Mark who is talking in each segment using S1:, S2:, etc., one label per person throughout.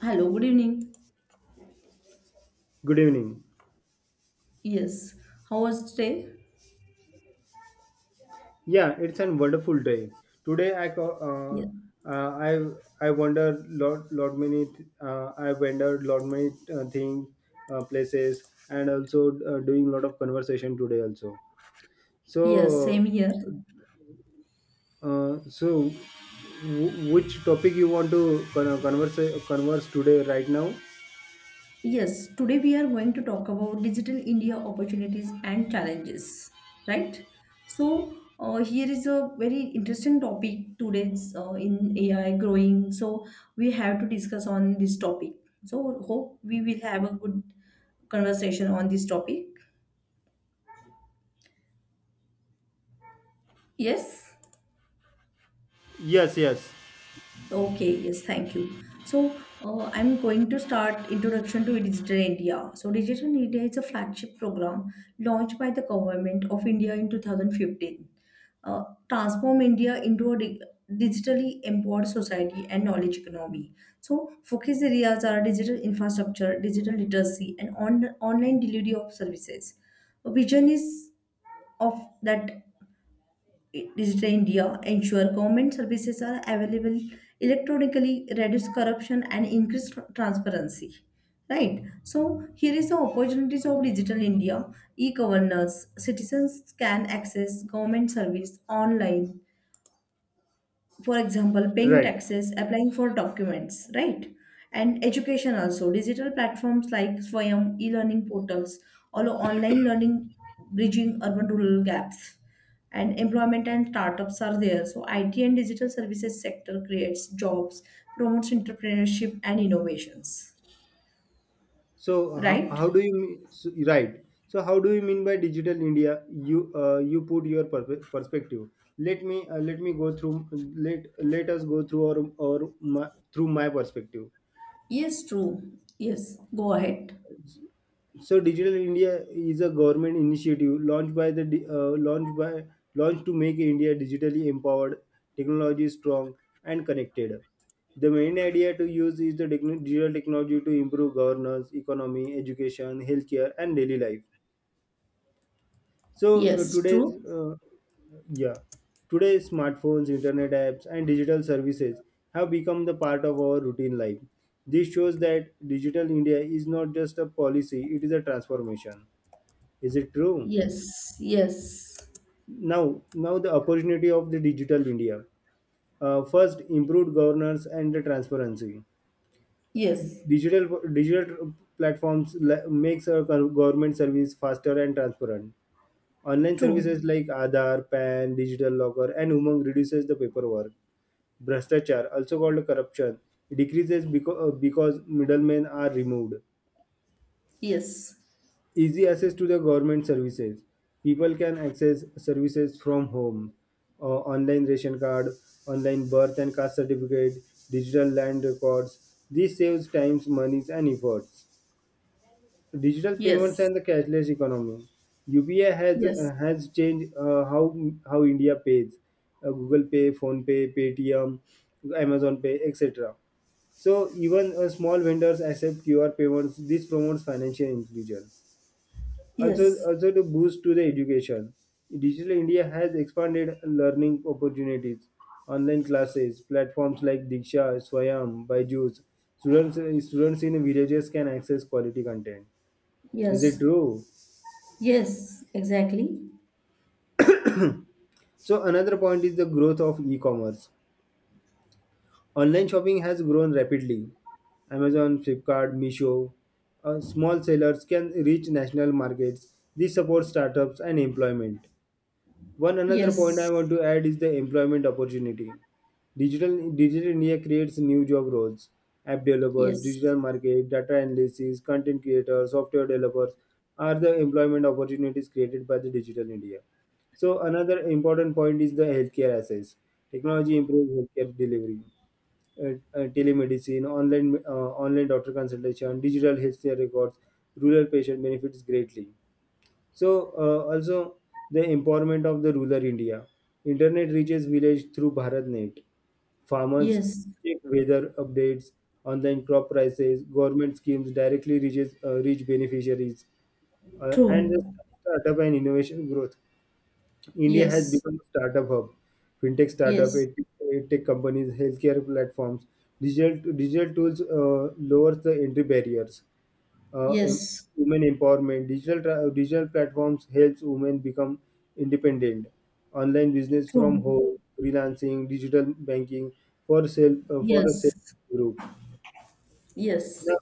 S1: Hello, good evening.
S2: Good evening.
S1: Yes, how was today?
S2: Yeah, it's a wonderful day. Today I co-
S1: Yes,
S2: uh, I I wonder lot lot many th- I wondered lot many things, places, and also doing lot of conversation today also.
S1: yes, same
S2: So
S1: here.
S2: so which topic you want to converse today right now?
S1: Yes, today we are going to talk about digital India opportunities and challenges, right? So, here is a very interesting topic today's in AI growing. So, we have to discuss on this topic. So, hope we will have a good conversation on this topic. Yes.
S2: Yes, yes.
S1: Okay, yes, thank you. So, I'm going to start introduction to Digital India. So, Digital India is a flagship program launched by the government of India in 2015. Uh, transform India into a digitally empowered society and knowledge economy. So, focus areas are digital infrastructure, digital literacy, and online delivery of services. The vision is of that Digital India ensure government services are available electronically, reduce corruption, and increase transparency. Right. So here is the opportunities of Digital India. E-governance. Citizens can access government service online, for example paying
S2: Right.
S1: taxes, applying for documents, right? And education also, digital platforms like swayam, e-learning portals, all online learning, bridging urban rural gaps, and employment and startups are there, so it and digital services sector creates jobs, promotes entrepreneurship and innovations,
S2: So
S1: right?
S2: how do you mean- so, right? So how do you mean by digital India? You put your perspective. Let me go through, let us go through our, or my, through my perspective.
S1: Yes, true. Yes, go ahead.
S2: So digital India is a government initiative launched by the di- launched by launched to make India digitally empowered, technology strong, and connected. The main idea to use is the digital technology to improve governance, economy, education, healthcare, and daily life. So uh,
S1: Yes,
S2: today's
S1: true.
S2: uh, yeah, Today's smartphones, internet apps, and digital services have become the part of our routine life. This shows that digital India is not just a policy; it is a transformation. Is it true?
S1: Yes, yes,
S2: Now the opportunity of the digital India. First, improved governance and the transparency.
S1: yes,
S2: Digital platforms makes our government service faster and transparent. Online
S1: true.
S2: services like Aadhaar, PAN, Digital Locker, and Umang reduces the paperwork. Brastachar, also called corruption, decreases because middlemen are removed.
S1: Yes,
S2: Easy access to the government services. People can access services from home. Online ration card, online birth and caste certificate, digital land records. This saves times, monies, and efforts. Digital payments
S1: yes.
S2: and the cashless economy. UPI has
S1: Yes,
S2: uh, has changed how India pays. Google Pay, Phone Pay, Paytm, Amazon Pay, etc. So even small vendors accept QR payments. This promotes financial inclusion. Also,
S1: yes,
S2: also to boost to the education, Digital India has expanded learning opportunities. Online classes, platforms like Diksha, Swayam, Byju's. Students in villages can access quality content. Is it
S1: yes,
S2: true?
S1: yes, exactly.
S2: So another point is the growth of e-commerce. Online shopping has grown rapidly. Amazon, Flipkart, Misho, small sellers can reach national markets. This supports startups and employment. One another point I
S1: Yes,
S2: want to add is the employment opportunity. Digital India creates new job roles. App developers,
S1: yes,
S2: digital market, data analysis, content creators, software developers are the employment opportunities created by the Digital India. So another important point is the healthcare access. Technology improves healthcare delivery, uh, telemedicine, online doctor consultation, digital healthcare records. Rural patient benefits greatly. So Also the empowerment of the rural India. Internet reaches village through BharatNet. Farmers
S1: yes,
S2: check weather updates, online crop prices, government schemes directly reach beneficiaries, and the
S1: true.
S2: startup and innovation growth. India has
S1: Yes,
S2: become a startup hub. Fintech startup,
S1: yes,
S2: edtech companies, healthcare platforms, digital tools lowers the entry barriers, uh, em-
S1: yes,
S2: women empowerment. Digital platforms helps women become independent. Online business from
S1: true.
S2: home, freelancing, digital banking for a self
S1: Yes,
S2: group.
S1: yes,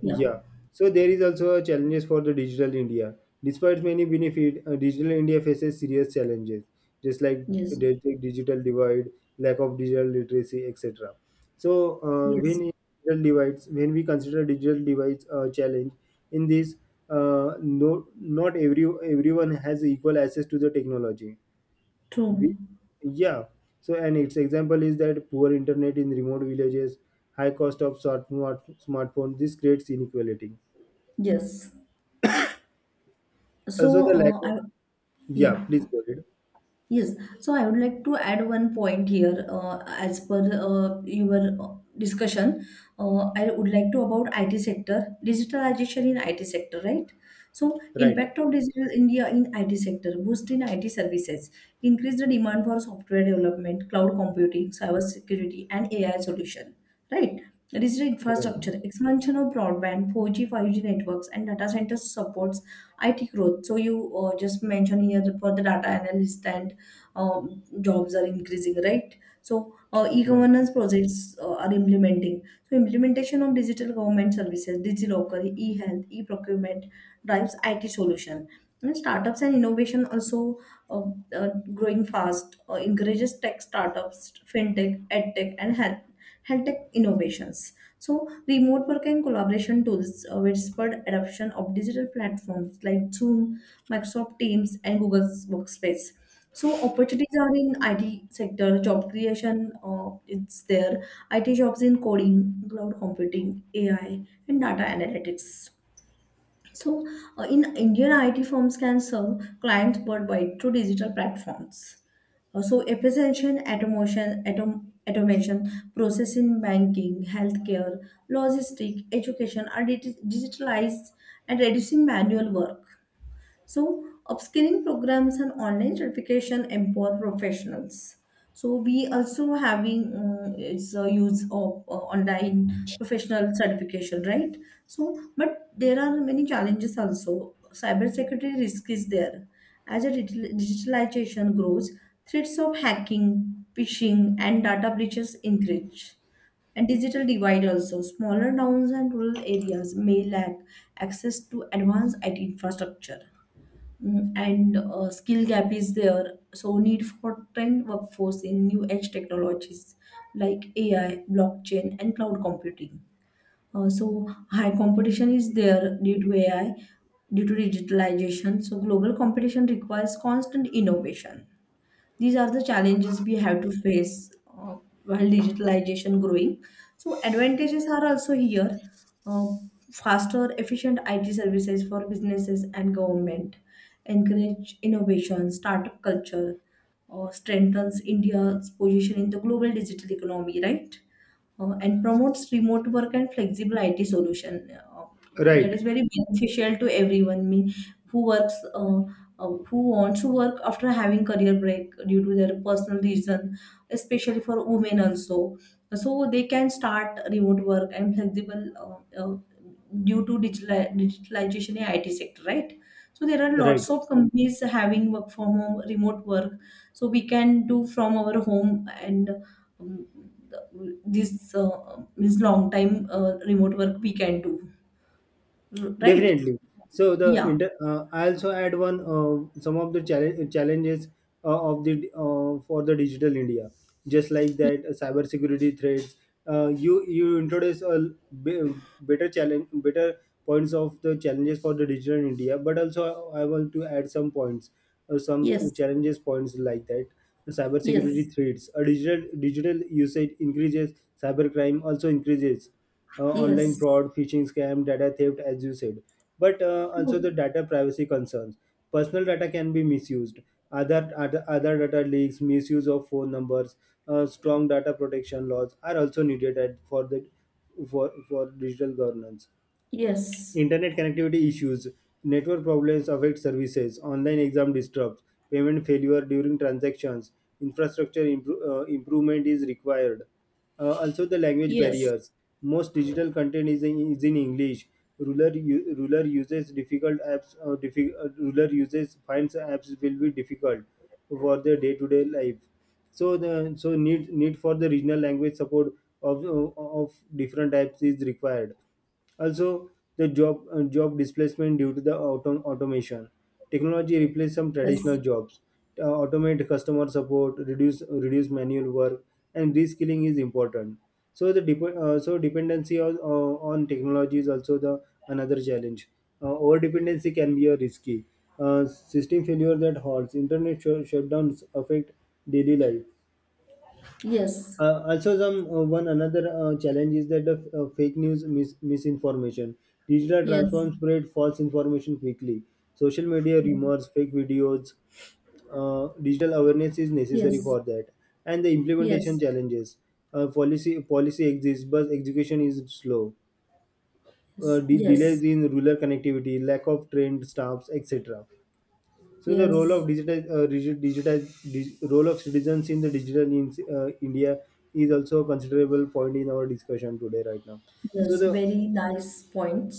S1: yeah,
S2: Yeah. So there is also a challenges for the digital India. Despite many benefit, digital India faces serious challenges, just like
S1: yes,
S2: the digital divide, lack of digital literacy, etc.
S1: yes,
S2: When in digital divides, when we consider digital divides a challenge, in this, no, not everyone has equal access to the technology.
S1: true.
S2: We, yeah. So and its example is that poor internet in remote villages, high cost of smartphone. This creates inequality.
S1: Yes. So,
S2: So the lack of, yeah,
S1: yeah.
S2: please go ahead.
S1: Yes, so I would like to add one point here. As per your discussion, I would like to about IT sector, digitalization in IT sector, right? So
S2: Right,
S1: impact of digital India in IT sector, boost in IT services, increase the demand for software development, cloud computing, cyber security, and AI solution, right? Digital
S2: right,
S1: infrastructure, expansion of broadband, 4G, 5G networks, and data centers supports IT growth. So you just mentioned here for the data analyst and jobs are increasing, right? So
S2: right,
S1: e-governance projects are implementing. So implementation of digital government services, DigiLocker, e-health, e-procurement drives IT solution. And startups and innovation also uh, growing fast, encourages tech startups, fintech, edtech, and health tech innovations. So remote work and collaboration tools with adoption of digital platforms like Zoom, Microsoft Teams, and Google's Workspace. So opportunities are in IT sector, job creation, it's there. IT jobs in coding, cloud computing, AI, and data analytics. So in Indian IT firms can serve clients worldwide through digital platforms. So efficiency, automation, process in banking, healthcare, logistics, education are digitalized and reducing manual work. So, upskilling programs and online certification empower professionals. So, we also having its a use of online professional certification, right? So, but there are many challenges also. Cybersecurity risk is there. As a digitalization grows, threats of hacking, phishing, and data breaches increase. And digital divide also, smaller towns and rural areas may lack access to advanced IT infrastructure. And skill gap is there, so need for trained workforce in new edge technologies like AI, blockchain, and cloud computing. So high competition is there due to AI, due to digitalization, so global competition requires constant innovation. These are the challenges we have to face, while digitalization growing. So advantages are also here. uh, faster, efficient IT services for businesses and government, encourage innovation, startup culture, strengthens India's position in the global digital economy, right? And promotes remote work and flexible IT solution. That is
S2: right,
S1: very beneficial to everyone. Me who works, who wants to work after having career break due to their personal reason, especially for women also. So they can start remote work and flexible, due to digitalization in IT sector, right? So there are
S2: right.
S1: lots of companies having work from home, remote work. So we can do from our home and um, this means long time remote work we can do, right?
S2: Definitely.
S1: Yeah.
S2: I also add one some of the challenges of the for the digital India, just like that cyber security threats. You introduce a be- better challenge, better points of the challenges for the digital India, but also I want to add some points, some
S1: Yes,
S2: challenges points like that. The cyber security
S1: yes,
S2: threats, a digital usage increases, cybercrime also increases, online
S1: yes.
S2: fraud, phishing scam, data theft, as you said. But also
S1: True.
S2: the data privacy concerns. Personal data can be misused. Other data leaks, misuse of phone numbers, strong data protection laws are also needed for the, for digital governance.
S1: Yes,
S2: Internet connectivity issues, network problems affect services, online exam disrupts, payment failure during transactions, improvement is required. Also, the language
S1: yes,
S2: barriers. Most digital content is in English. Rural, u- rural uses difficult apps. Diffi- Rural uses finds apps will be difficult for their day-to-day life. So need for the regional language support of different types is required. Also, the job displacement due to the automation. Technology replaces some traditional jobs, automate customer support, reduce manual work, and reskilling is important. So the dep- so dependency on technology is also the another challenge. Over dependency can be a risky. System failure that halts internet shutdowns affect daily life.
S1: yes,
S2: Also, some One another challenge is that the misinformation. Digital
S1: yes, yes,
S2: transforms spread false information quickly. Social media rumors, fake videos. Digital awareness is necessary
S1: yes,
S2: for that. And the implementation
S1: yes,
S2: challenges. Policy exists, but execution is slow.
S1: yes, yes,
S2: Delays in rural connectivity, lack of trained staffs, etc. So the role
S1: yes,
S2: of digital, digi- digitize, dig, Role of citizens in the digital India is also a considerable point in our discussion today right now. So
S1: yes,
S2: the
S1: very nice points,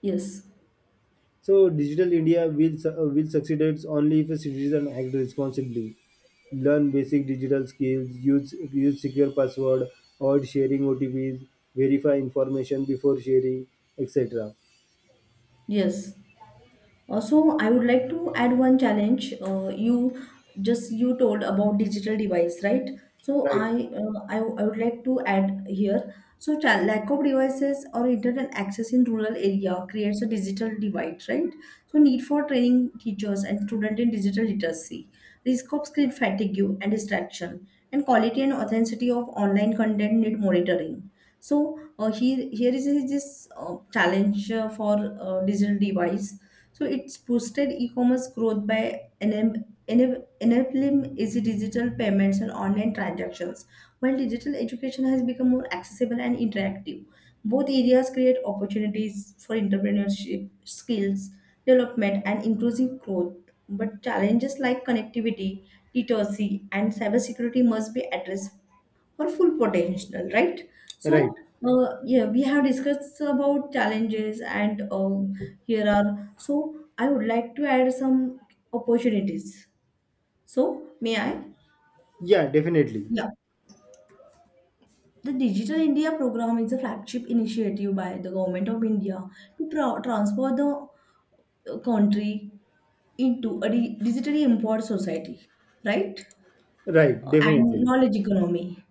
S1: yes,
S2: so digital India will succeed only if a citizen act responsibly, learn basic digital skills, use secure password, avoid sharing OTPs, verify information before sharing, etc.
S1: yes. Also, I would like to add one challenge. You just you told about digital device, right? So
S2: Right,
S1: I, uh, I I would like to add here. So lack of devices or internet access in rural area creates a digital divide, right? So need for training teachers and student in digital literacy, risk of screen fatigue and distraction, and quality and authenticity of online content need monitoring. So, here is this challenge for digital device, so it's boosted e-commerce growth by enabling easy digital payments and online transactions. While digital education has become more accessible and interactive, both areas create opportunities for entrepreneurship, skills development, and inclusive growth. But challenges like connectivity, literacy, and cybersecurity must be addressed or full potential, right?
S2: right.
S1: So, yeah, we have discussed about challenges. And here are so I would like to add some opportunities. So, may I?
S2: Yeah, definitely.
S1: Yeah. The Digital India program is a flagship initiative by the Government of India to transform the country into a digitally empowered society, right?
S2: Right,
S1: And
S2: definitely.
S1: knowledge economy.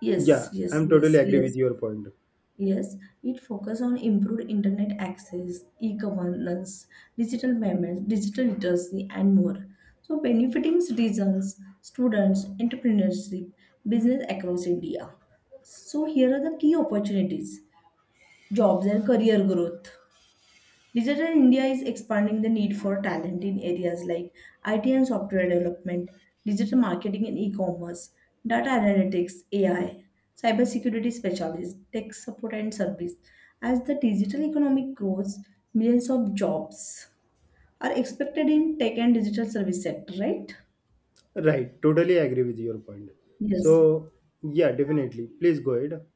S1: Yes,
S2: Yeah,
S1: yes,
S2: I'm
S1: yes,
S2: totally agree with
S1: yes.
S2: your point.
S1: Yes, it focuses on improved internet access, e-governance, digital payments, digital literacy, and more. So, benefiting citizens, students, entrepreneurship, business across India. So, here are the key opportunities: jobs and career growth. Digital India is expanding the need for talent in areas like IT and software development, digital marketing and e-commerce, data analytics, AI, cybersecurity specialists, tech support and service. As the digital economic grows, millions of jobs are expected in tech and digital service sector, right?
S2: Right, totally agree with your point.
S1: Yes.
S2: So, yeah, definitely. Please go ahead.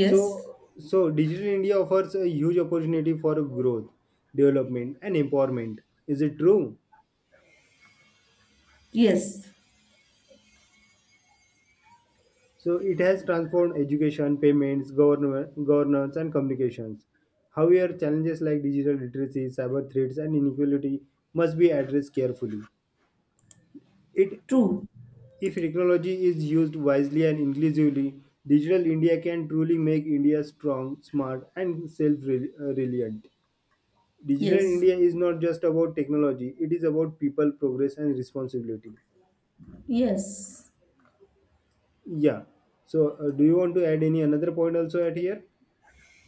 S2: So, so Digital India offers a huge opportunity for growth, development, and empowerment. Is it true?
S1: Yes.
S2: So, it has transformed education, payments, governance, and communications. However, challenges like digital literacy, cyber threats, and inequality must be addressed carefully. It,
S1: True.
S2: if technology is used wisely and inclusively, Digital India can truly make India strong, smart, and self reliant. Digital
S1: Yes.
S2: India is not just about technology, it is about people, progress, and responsibility.
S1: Yes.
S2: Yeah. So, do you want to add any another point also at here?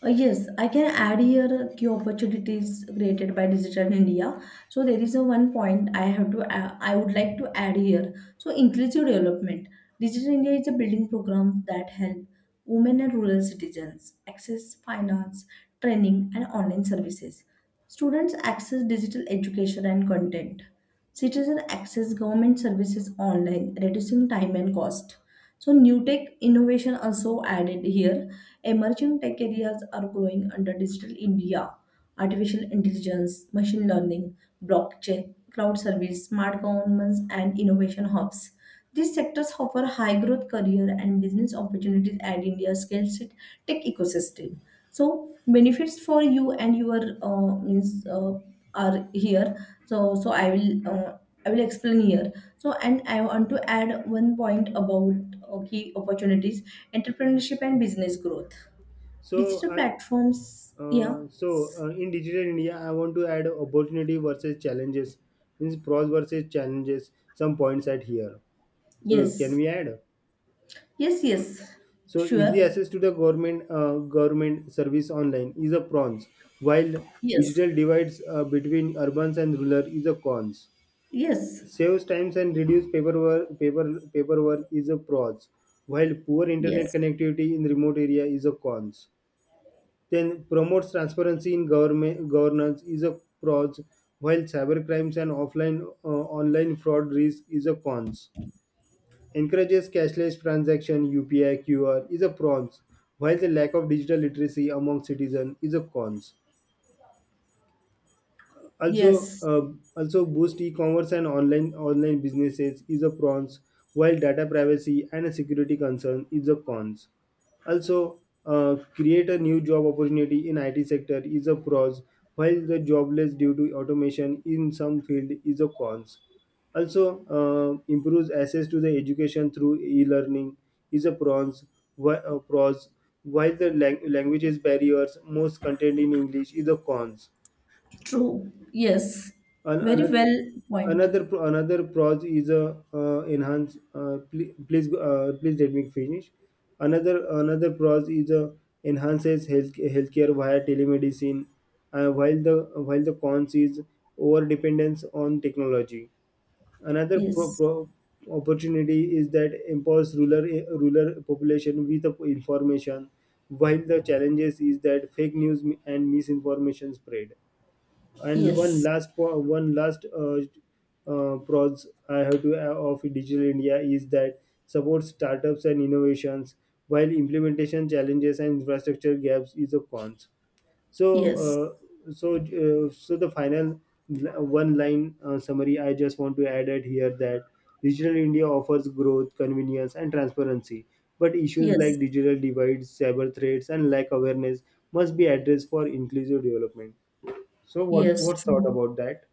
S1: Yes, I can add here key opportunities created by Digital India. So there is a one point I have to I would like to add here. So inclusive development. Digital India is a building program that help women and rural citizens access finance, training, and online services. Students access digital education and content. Citizens access government services online, reducing time and cost. So, new tech innovation also added here. Emerging tech areas are growing under Digital India: artificial intelligence, machine learning, blockchain, cloud service, smart governments, and innovation hubs. These sectors offer high growth career and business opportunities at India's scale set tech ecosystem. So benefits for you and your, means are here. So so I will explain here. So and I want to add one point about key opportunities, entrepreneurship and business growth.
S2: So,
S1: Digital
S2: uh,
S1: platforms, yeah,
S2: so in Digital India, I want to add opportunity versus challenges, means pros versus challenges, some points at here. So, can
S1: yes.
S2: we add?
S1: Yes, yes,
S2: So easy
S1: sure.
S2: access to the government service online is a pros, while
S1: Yes,
S2: digital divides between urbans and rural is a cons.
S1: yes,
S2: Saves times and reduce paperwork is a pros, while poor internet
S1: yes,
S2: connectivity in remote area is a cons. Then promotes transparency in government governance is a pros, while cyber crimes and offline online fraud risk is a cons. Encourages cashless transaction, UPI, QR is a pros, while the lack of digital literacy among citizens is a cons. also
S1: yes,
S2: um, also boost e-commerce and online businesses is a pros, while data privacy and security concern is a cons. Also, create a new job opportunity in IT sector is a pros, while the jobless due to automation in some field is a cons. Also, improves access to the education through e-learning is a pros, whi- uh, pros while the languages barriers most content in english is a cons.
S1: true. Yes,
S2: an-
S1: very
S2: another
S1: well point.
S2: Another pros is a enhance. Please please let me finish. Another pros is a enhances healthcare via telemedicine, while the cons is over dependence on technology. Another pro,
S1: Yes,
S2: pro opportunity is that empowers rural population with the information, while the challenges is that fake news and misinformation spread. And
S1: yes,
S2: one last pros I have to add of Digital India is that supports startups and innovations, while implementation challenges and infrastructure gaps is a cons. So,
S1: yes,
S2: so the final one line summary I just want to add it here that Digital India offers growth, convenience, and transparency, but issues
S1: yes,
S2: like digital divides, cyber threats, and lack awareness must be addressed for inclusive development. So what
S1: yes,
S2: what's thought
S1: true.
S2: about that?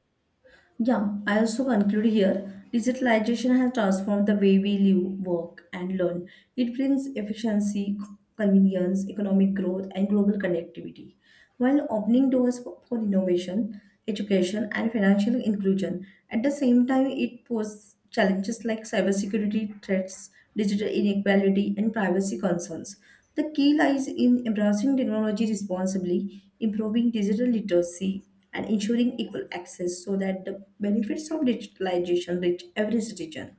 S1: Yeah, I also conclude here digitalization has transformed the way we live, work, and learn. It brings efficiency, convenience, economic growth, and global connectivity, while opening doors for innovation, education, and financial inclusion. At the same time, it poses challenges like cybersecurity threats, digital inequality, and privacy concerns. The key lies in embracing technology responsibly, improving digital literacy, and ensuring equal access so that the benefits of digitalization reach every citizen,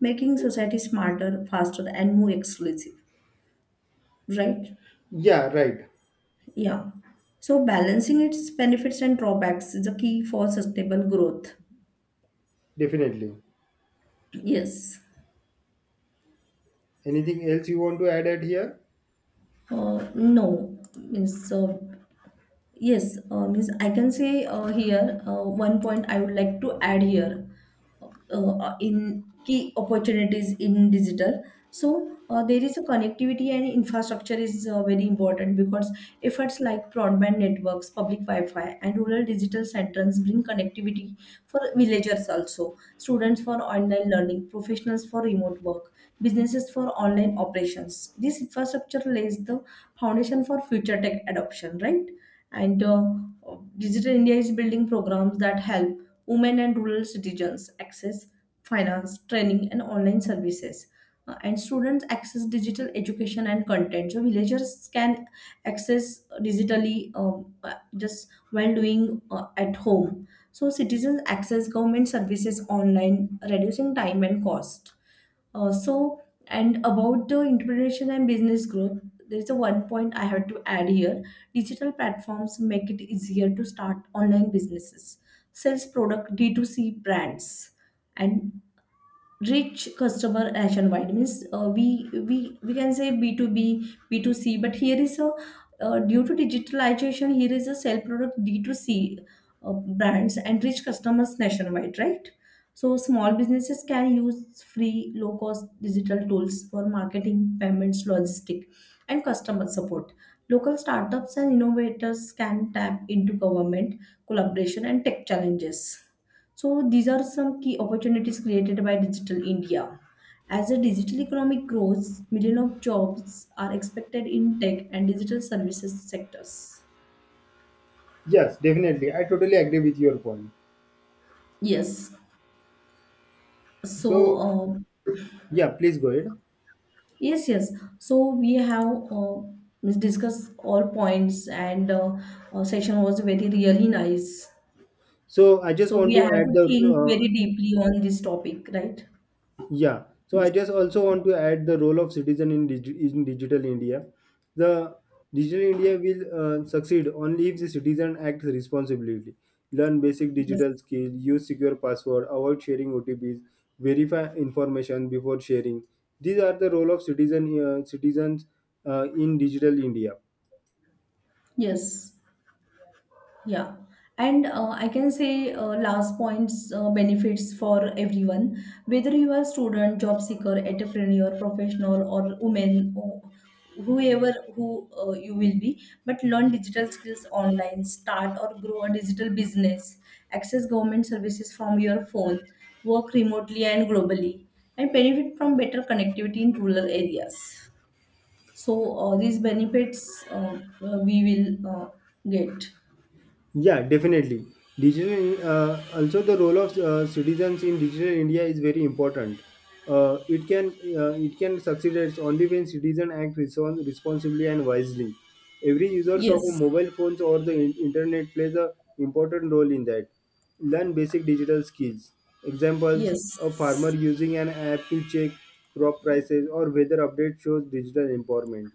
S1: making society smarter, faster, and more exclusive. Right?
S2: Yeah, right.
S1: Yeah. So, balancing its benefits and drawbacks is a key for sustainable growth.
S2: Definitely.
S1: Yes.
S2: Anything else you want to add at here?
S1: No. Means yes, means I can say here one point I would like to add here, uh, in key opportunities in digital. So there is a connectivity and infrastructure is very important, because efforts like broadband networks, public Wi-Fi, and rural digital centers bring connectivity for villagers also, students for online learning, professionals for remote work, businesses for online operations. This infrastructure lays the foundation for future tech adoption, right? And digital india is building programs that help women and rural citizens access finance training and online services. And students access digital education and content, so villagers can access digitally, uh, just while doing at home. So citizens access government services online, reducing time and cost. So, and about the entrepreneurship and business growth, there is a one point I have to add here. Digital platforms make it easier to start online businesses, sells product D2C brands, and rich customer nationwide means, we can say B2B B2C, but here is a, due to digitalization here is a sell product D2C brands and rich customers nationwide, right? So small businesses can use free low cost digital tools for marketing payments logistic and customer support. Local startups and innovators can tap into government collaboration and tech challenges. So these are some key opportunities created by Digital India. As the digital economy grows, millions of jobs are expected in tech and digital services sectors.
S2: Yes, definitely. I totally agree with your point.
S1: Yes. So
S2: So
S1: uh,
S2: yeah, please go ahead.
S1: yes, yes. So we have discussed all points, and session was very really nice.
S2: So I just
S1: So we
S2: want to
S1: have
S2: add
S1: to
S2: the
S1: think very deeply on this topic, right?
S2: Yeah, so I
S1: Yes.
S2: just also want to add the role of citizen in, digital India. The digital India will succeed only if the citizen acts responsibly, learn basic
S1: Yes.
S2: digital skills, use secure password, avoid sharing OTPs, verify information before sharing. These are the role of citizens in digital India.
S1: Yes. Yeah, and I can say last points, benefits for everyone, whether you are student, job seeker, entrepreneur, professional, or woman, or whoever who you will be. But learn digital skills online, start or grow a digital business, access government services from your phone, work remotely and globally, and benefit from better connectivity in rural areas. So these benefits, we will get.
S2: Yeah, definitely. Digital, also the role of citizens in digital India is very important. Uh, it can it can succeed only when citizens act responsibly and wisely. Every users of a
S1: Yes.
S2: mobile phones or the internet plays a important role in that. Learn basic digital skills. Examples: a farmer
S1: Yes.
S2: using an app to check crop prices or weather update shows digital empowerment.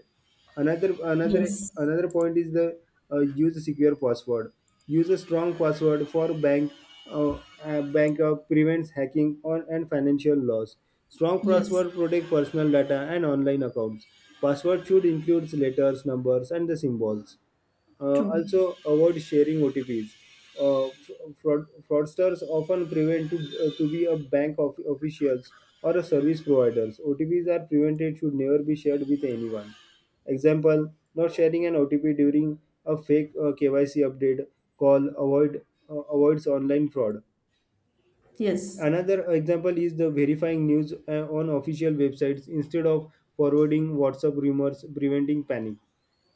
S2: another another
S1: Yes.
S2: another point is the use a secure password. Use a strong password for bank, uh, prevents hacking on and financial loss. Strong
S1: Yes.
S2: password protect personal data and online accounts. Password should include letters, numbers, and the symbols.
S1: True.
S2: Also, avoid sharing OTPs. Uh, Fraudsters often prevent to be a bank of, officials or a service providers. OTPs are prevented should never be shared with anyone. Example: not sharing an OTP during a fake KYC update call avoid avoids online fraud.
S1: Yes.
S2: Another example is the verifying news on official websites instead of forwarding WhatsApp rumors, preventing panic.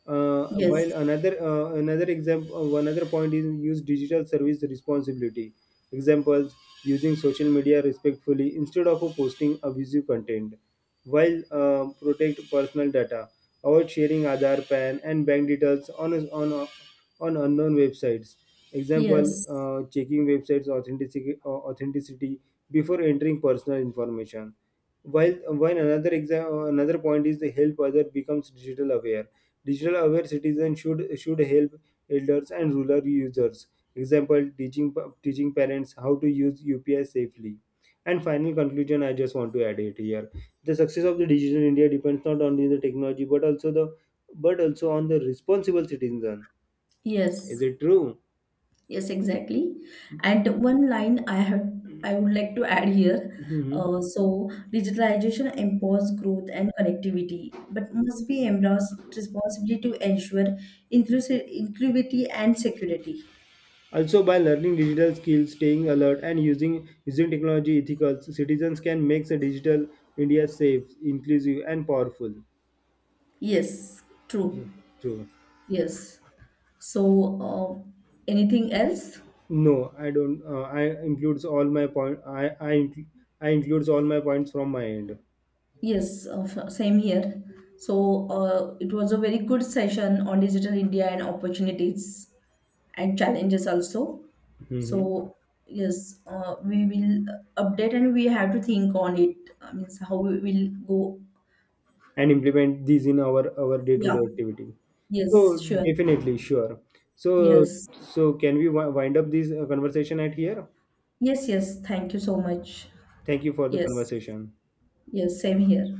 S2: While
S1: Yes.
S2: another another example, Another point is use digital service responsibility. Examples: using social media respectfully instead of posting abusive content. While Protect personal data, avoid sharing Aadhaar, PAN, and bank details on unknown websites. Example:
S1: Yes.
S2: checking websites authenticity before entering personal information. While while another exam Another point is the help other becomes digital aware. Digital aware citizens should help elders and rural users. Example: teaching parents how to use UPI safely. And final conclusion, I just want to add it here. The success of the digital India depends not only on the technology but also on the responsible citizen. Is
S1: Yes.
S2: it true?
S1: Yes, exactly. And one line I have I would like to add here.
S2: Mhm.
S1: So digitalization empowers growth and connectivity, but must be embraced responsibly to ensure inclusive inclusivity and security.
S2: Also, by learning digital skills, staying alert, and using technology ethical, citizens can make the digital India safe, inclusive, and powerful.
S1: Yes, true.
S2: True.
S1: Yes. So uh, anything else?
S2: No, I don't. I includes all my point. I incl- I includes all my points from my end,
S1: Yes, of same here. So it was a very good session on digital India and opportunities and challenges also.
S2: hmm,
S1: So yes, we will update and we have to think on it. I means how we will go.
S2: and implement these in our day to
S1: Yeah.
S2: day activity. So
S1: Yes. Sure.
S2: definitely, sure. So
S1: Yes.
S2: so can we wind up this conversation at here?
S1: Yes. Yes. Thank you so much.
S2: Thank you for the
S1: Yes.
S2: conversation.
S1: Yes. Same here.